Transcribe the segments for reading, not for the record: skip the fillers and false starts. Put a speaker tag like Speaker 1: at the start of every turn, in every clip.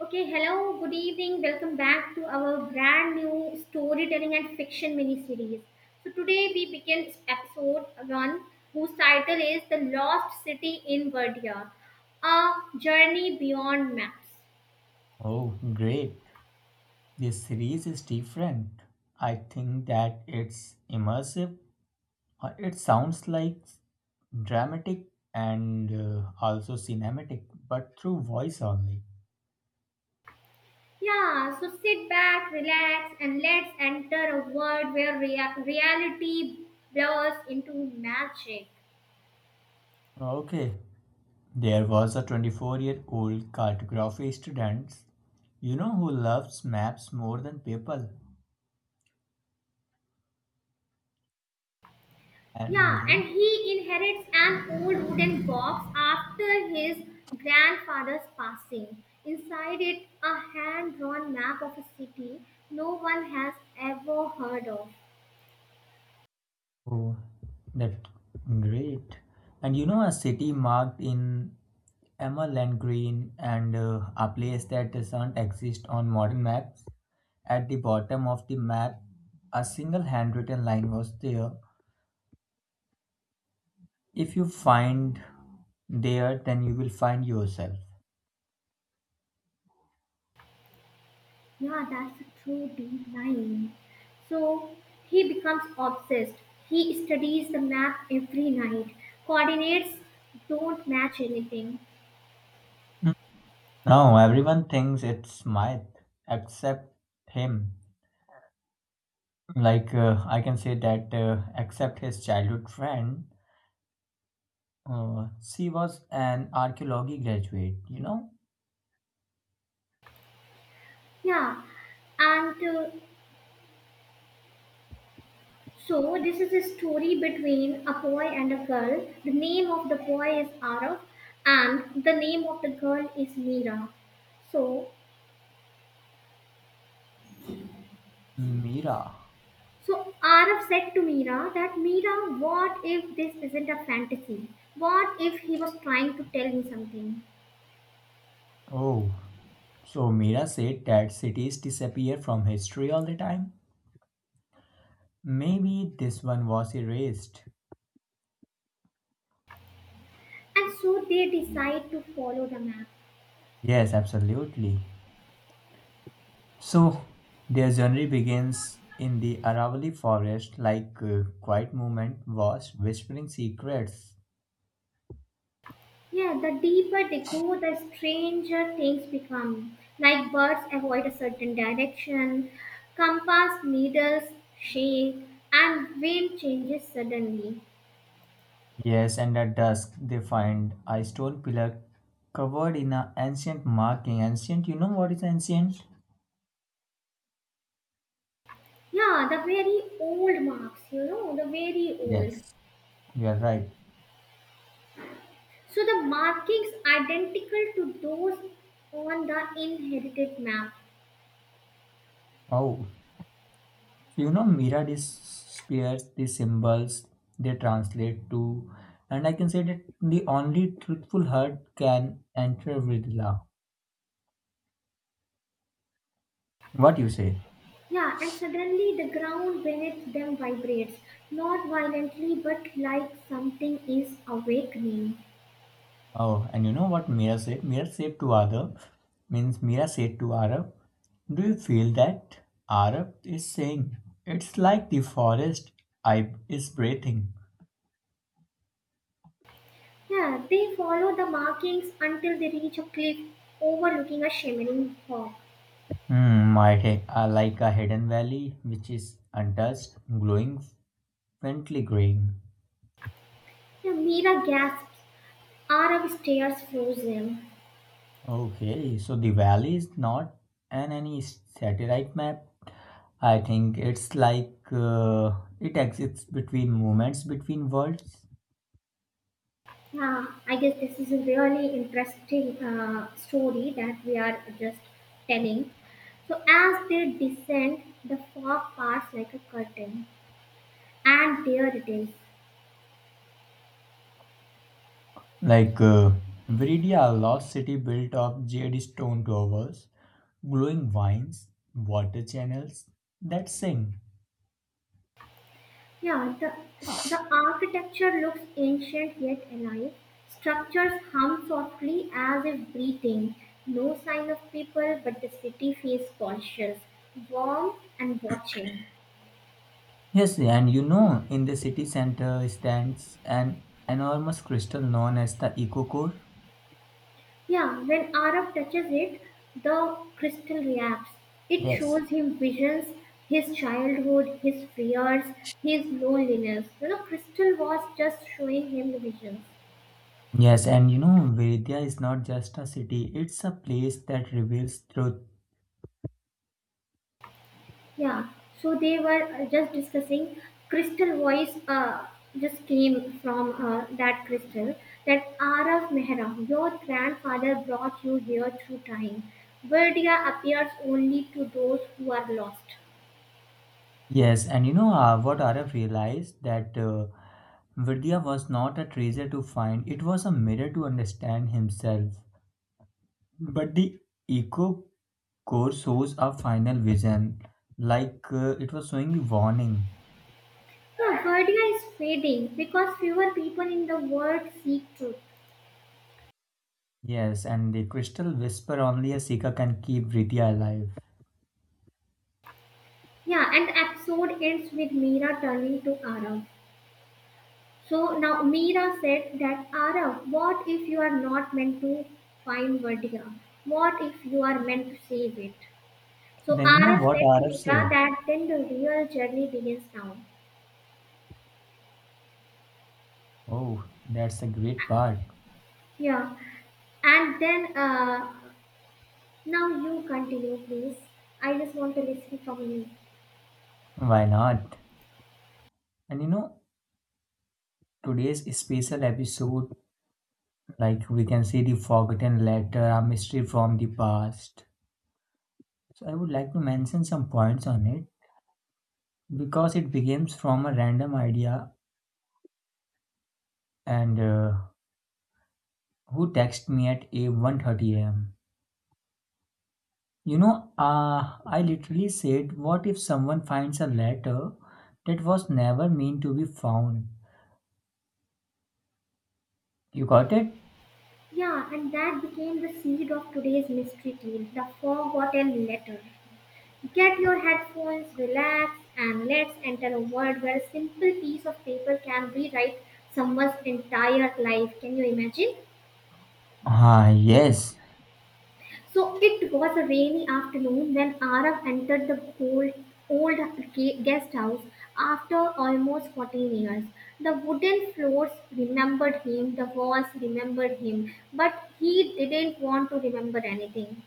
Speaker 1: Okay, hello, good evening. Welcome back to our brand new storytelling and fiction mini series. So, today we begin episode 1, whose title is The Lost City in Verdia, A Journey Beyond Maps.
Speaker 2: Oh, great. This series is different. I think that it's immersive. It sounds like dramatic and also cinematic, but through voice only.
Speaker 1: Yeah, so sit back, relax, and let's enter a world where reality blurs into magic.
Speaker 2: Okay, there was a 24-year-old cartography student, you know, who loves maps more than people.
Speaker 1: Yeah,
Speaker 2: And
Speaker 1: and he inherits an old wooden box after his grandfather's passing. Inside it, a hand drawn map of a city no one has ever heard of.
Speaker 2: oh, that's great. And you know, a city marked in emerald green and a place that doesn't exist on modern maps. At the bottom of the map, a single handwritten line was there. If you find there, then you will find yourself.
Speaker 1: Yeah, that's a true deep line. So he becomes obsessed. He studies the map every night. Coordinates don't match anything.
Speaker 2: Now, everyone thinks it's Smythe, except him. Like, I can say that, except his childhood friend. She was an archaeology graduate, you know?
Speaker 1: Yeah, and so, this is a story between a boy and a girl. The name of the boy is Arav, and the name of the girl is Meera. So,
Speaker 2: Mira.
Speaker 1: so Arav said to Meera that Meera, what if this isn't a fantasy? What if he was trying to tell me something?
Speaker 2: Oh, so Mira said that cities disappear from history all the time? Maybe this one was erased.
Speaker 1: And so they decide to follow the map.
Speaker 2: Yes, absolutely. So, their journey begins in the Aravalli forest, like quiet movement was whispering secrets.
Speaker 1: Yeah, the deeper they go, the stranger things become. Like birds avoid a certain direction, compass needles shake, and wind changes suddenly.
Speaker 2: Yes, and at dusk they find a stone pillar covered in an ancient marking. Ancient, you know what is ancient?
Speaker 1: Yeah, the very old marks, you know, the very old.
Speaker 2: Yes. You're right.
Speaker 1: So the markings identical to those on the inherited map.
Speaker 2: Oh, you know, Mira disappears the symbols they translate to, and I can say that the only truthful heart can enter with love. What you say?
Speaker 1: Yeah, and suddenly the ground beneath them vibrates, not violently but like something is awakening.
Speaker 2: Oh, and you know what Mira said? Mira said to Arab means Mira said to Arab, "Do you feel that?" Arab is saying, "It's like the forest I is breathing."
Speaker 1: Yeah, they follow the markings until they reach a cliff overlooking a shimmering fog.
Speaker 2: Hmm, like a hidden valley which is untouched, glowing, faintly green.
Speaker 1: Yeah, Mira gasps. Arab stares frozen.
Speaker 2: Okay, so the valley is not an any satellite map. I think it's like it exists between moments between worlds.
Speaker 1: Yeah, I guess this is a really interesting story that we are just telling. So as they descend, the fog parts like a curtain, and there it is.
Speaker 2: Like Viridia, a lost city built of jade stone towers, glowing vines, water channels that sing.
Speaker 1: Yeah, the architecture looks ancient yet alive. Structures hum softly as if breathing. No sign of people, but the city feels cautious, warm, and watching.
Speaker 2: Yes, and you know, in the city center stands an enormous crystal known as the Eco Core.
Speaker 1: Yeah, when Arab touches it, the crystal reacts. It
Speaker 2: Yes,
Speaker 1: shows him visions, his childhood, his fears, his loneliness. You know, crystal was just showing him visions.
Speaker 2: Yes, and you know, Vidya is not just a city, it's a place that reveals truth.
Speaker 1: Yeah, so they were just discussing crystal voice just came from that crystal that Arav Mehra, your grandfather brought you here through time. Verdia appears only to those who are lost.
Speaker 2: Yes, and you know what Araf realized that Vidya was not a treasure to find, it was a mirror to understand himself. But the eco core shows a final vision, like it was showing a warning.
Speaker 1: Yeah, Verdia is fading because fewer people in the world seek truth.
Speaker 2: Yes, and the crystal whisper only a seeker can keep Vidya alive.
Speaker 1: Yeah, and episode ends with Meera turning to Arav. So now Mira said that Arav, what if you are not meant to find Vadya? What if you are meant to save it? So
Speaker 2: Then you know
Speaker 1: Arav
Speaker 2: what
Speaker 1: said to
Speaker 2: Araf
Speaker 1: Mira
Speaker 2: said?
Speaker 1: that then the real journey begins now.
Speaker 2: Oh, that's a great part.
Speaker 1: Yeah. And then now you continue, please. I just want to listen from you.
Speaker 2: Why not? And you know, today's special episode, like we can say the forgotten letter, a mystery from the past. So I would like to mention some points on it because it begins from a random idea and who texted me at a 1:30 a.m. You know, I literally said, "What if someone finds a letter that was never meant to be found?" You got it?
Speaker 1: Yeah, and that became the seed of today's mystery tale, the forgotten letter. Get your headphones, relax, and let's enter a world where a simple piece of paper can rewrite someone's entire life. Can you imagine?
Speaker 2: Ah, yes.
Speaker 1: So it was a rainy afternoon when Arav entered the old guest house after almost 14 years. The wooden floors remembered him, the walls remembered him, but he didn't want to remember anything.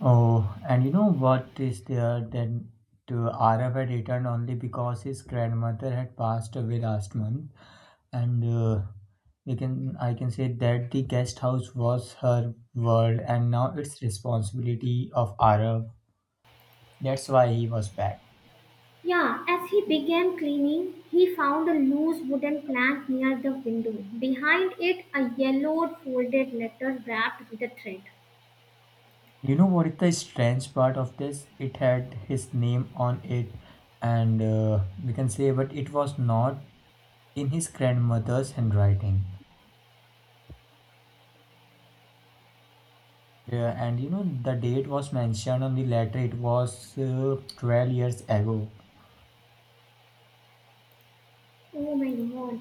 Speaker 2: Oh, and you know what is there then to Arav had returned only because his grandmother had passed away last month, and we can I can say that the guest house was her world, and now it's responsibility of Arav. That's why he was back.
Speaker 1: Yeah, as he began cleaning, he found a loose wooden plank near the window. Behind it, a yellowed folded letter wrapped with a thread.
Speaker 2: You know what is the strange part of this? It had his name on it, and we can say, but it was not in his grandmother's handwriting. Yeah, and you know the date was mentioned on the letter. It was 12 years ago.
Speaker 1: Oh my god.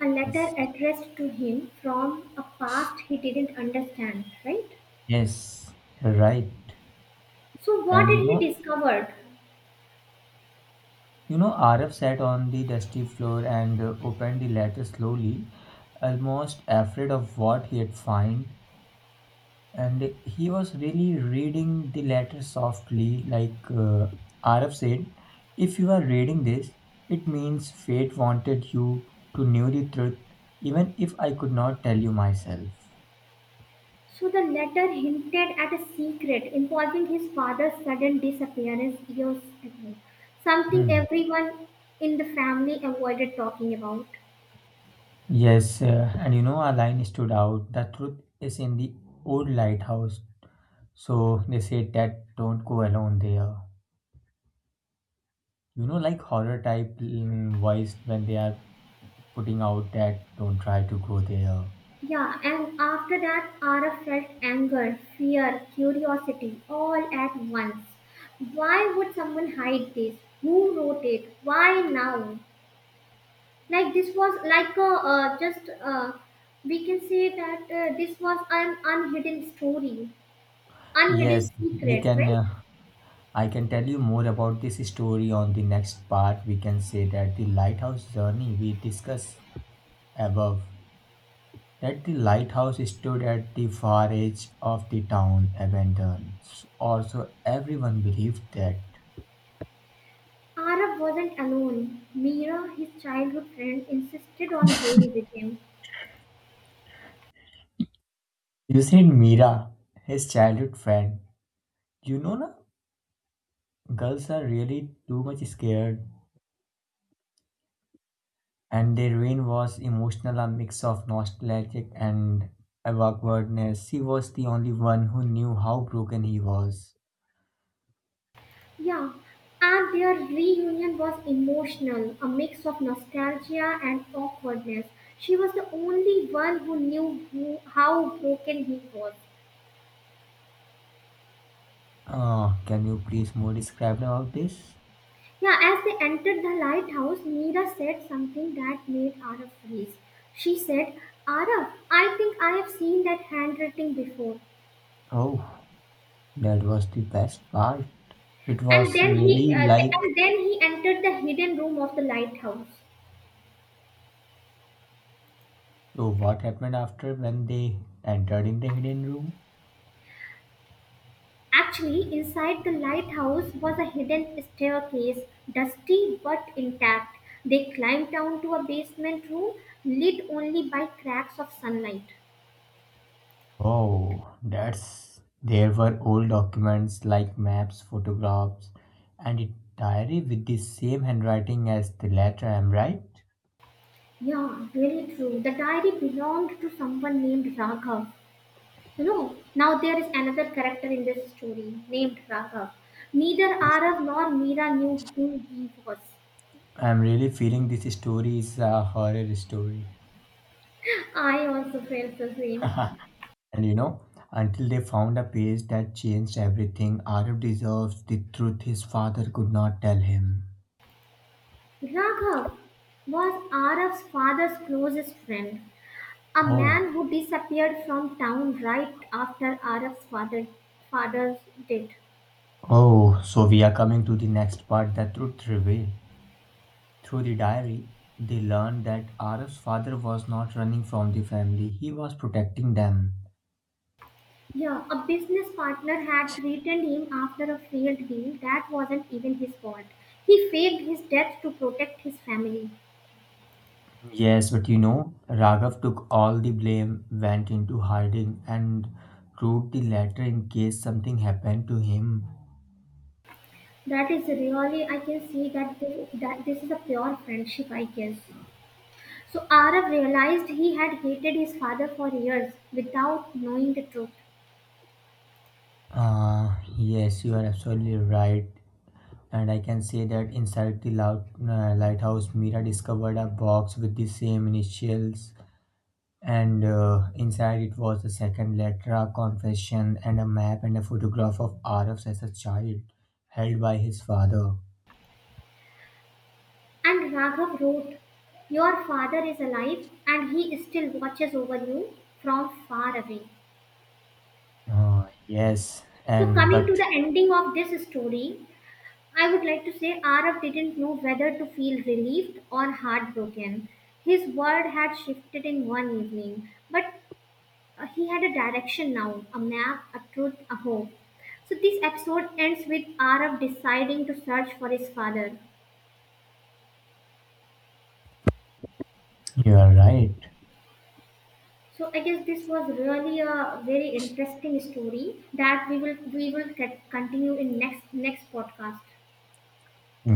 Speaker 1: A letter
Speaker 2: Yes,
Speaker 1: addressed to him from a past he didn't understand, right?
Speaker 2: yes, you're right.
Speaker 1: So, what
Speaker 2: And
Speaker 1: did
Speaker 2: you
Speaker 1: he
Speaker 2: know,
Speaker 1: discover?
Speaker 2: you know, Arif sat on the dusty floor and opened the letter slowly, almost afraid of what he had found. And he was really reading the letter softly, like Arif said, "If you are reading this, it means fate wanted you to know the truth, even if I could not tell you myself."
Speaker 1: So, the letter hinted at a secret involving his father's sudden disappearance years ago, something
Speaker 2: Mm.
Speaker 1: everyone in the family avoided talking about.
Speaker 2: Yes, and you know, a line stood out. The truth is in the old lighthouse. So they said that don't go alone there. You know, like horror type voice when they are putting out that don't try to go there.
Speaker 1: Yeah, and after that, Ara felt anger, fear, curiosity, all at once. Why would someone hide this? Who wrote it? Why now? Like this was like a just we can say that this was an unhidden story, unhidden
Speaker 2: Yes, we
Speaker 1: secret,
Speaker 2: can.
Speaker 1: right?
Speaker 2: I can tell you more about this story on the next part. We can say that the lighthouse journey we discussed above. That the lighthouse stood at the far edge of the town, abandoned, or so everyone believed that.
Speaker 1: Arab wasn't alone. Mira, his childhood friend, insisted on going with him.
Speaker 2: You said Mira, his childhood friend. You know, na, girls are really too much scared, and their rain was emotional, a mix of nostalgic and awkwardness. She was the only one who knew how broken he was.
Speaker 1: Yeah, and their reunion was emotional, a mix of nostalgia and awkwardness. She was the only one who knew how broken he was.
Speaker 2: Ah, can you please more describe about this?
Speaker 1: Yeah, as they entered the lighthouse, Meera said something that made Araf freeze. She said, Araf, I think I have seen that handwriting before.
Speaker 2: Oh, that was the best part. It
Speaker 1: And
Speaker 2: was
Speaker 1: then
Speaker 2: really like.
Speaker 1: and then he entered the hidden room of the lighthouse.
Speaker 2: So what happened after when they entered in the hidden room?
Speaker 1: Actually, inside the lighthouse was a hidden staircase, dusty but intact. They climbed down to a basement room lit only by cracks of sunlight.
Speaker 2: Oh, that's there were old documents like maps, photographs, and a diary with the same handwriting as the letter. I'm right.
Speaker 1: Yeah, really true. The diary belonged to someone named Raghav. You know, now there is another character in this story named Raghav. Neither
Speaker 2: Yes.
Speaker 1: Arav nor Meera knew who he was.
Speaker 2: I'm really feeling this story is a horror story.
Speaker 1: I also felt the same.
Speaker 2: And you know, until they found a page that changed everything, Arif deserves the truth his father could not tell him.
Speaker 1: Raghav was Arav's father's closest friend. A
Speaker 2: Oh,
Speaker 1: man who disappeared from town right after Araf's father's death.
Speaker 2: oh, so we are coming to the next part, the truth reveal. Through the diary, they learned that Arif's father was not running from the family, he was protecting them.
Speaker 1: Yeah, a business partner had threatened him after a failed deal that wasn't even his fault. He faked his death to protect his family.
Speaker 2: Yes, but you know, Raghav took all the blame, went into hiding, and wrote the letter in case something happened to him.
Speaker 1: That is really, I can see that that this is a pure friendship, I guess. So Araf realized he had hated his father for years without knowing the truth.
Speaker 2: Ah, yes, you are absolutely right. And I can say that inside the loud, lighthouse, Mira discovered a box with the same initials and inside it was a second letter, a confession, and a map and a photograph of Arif as a child, held by his father.
Speaker 1: And Raghav wrote, Your father is alive and he still watches over you from far away.
Speaker 2: Yes,
Speaker 1: So,
Speaker 2: and
Speaker 1: coming
Speaker 2: but
Speaker 1: to the ending of this story, I would like to say Arav didn't know whether to feel relieved or heartbroken. His world had shifted in one evening, but he had a direction now, a map, a truth, a hope. So, this episode ends with Arav deciding to search for his father.
Speaker 2: you are right.
Speaker 1: So I guess this was really a very interesting story that we will get, continue in next next podcast.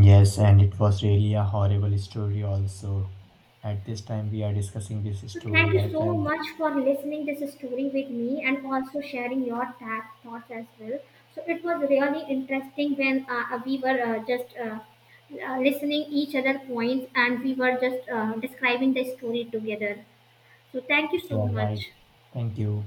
Speaker 2: Yes, and it was really a horrible story also. At this time we are discussing this
Speaker 1: So thank
Speaker 2: story.
Speaker 1: you
Speaker 2: I
Speaker 1: so
Speaker 2: felt
Speaker 1: much for listening this story with me and also sharing your thoughts as well. So it was really interesting when we were just listening each other points and we were just describing the story together. So thank you
Speaker 2: that
Speaker 1: so
Speaker 2: you are right.
Speaker 1: much.
Speaker 2: Thank you.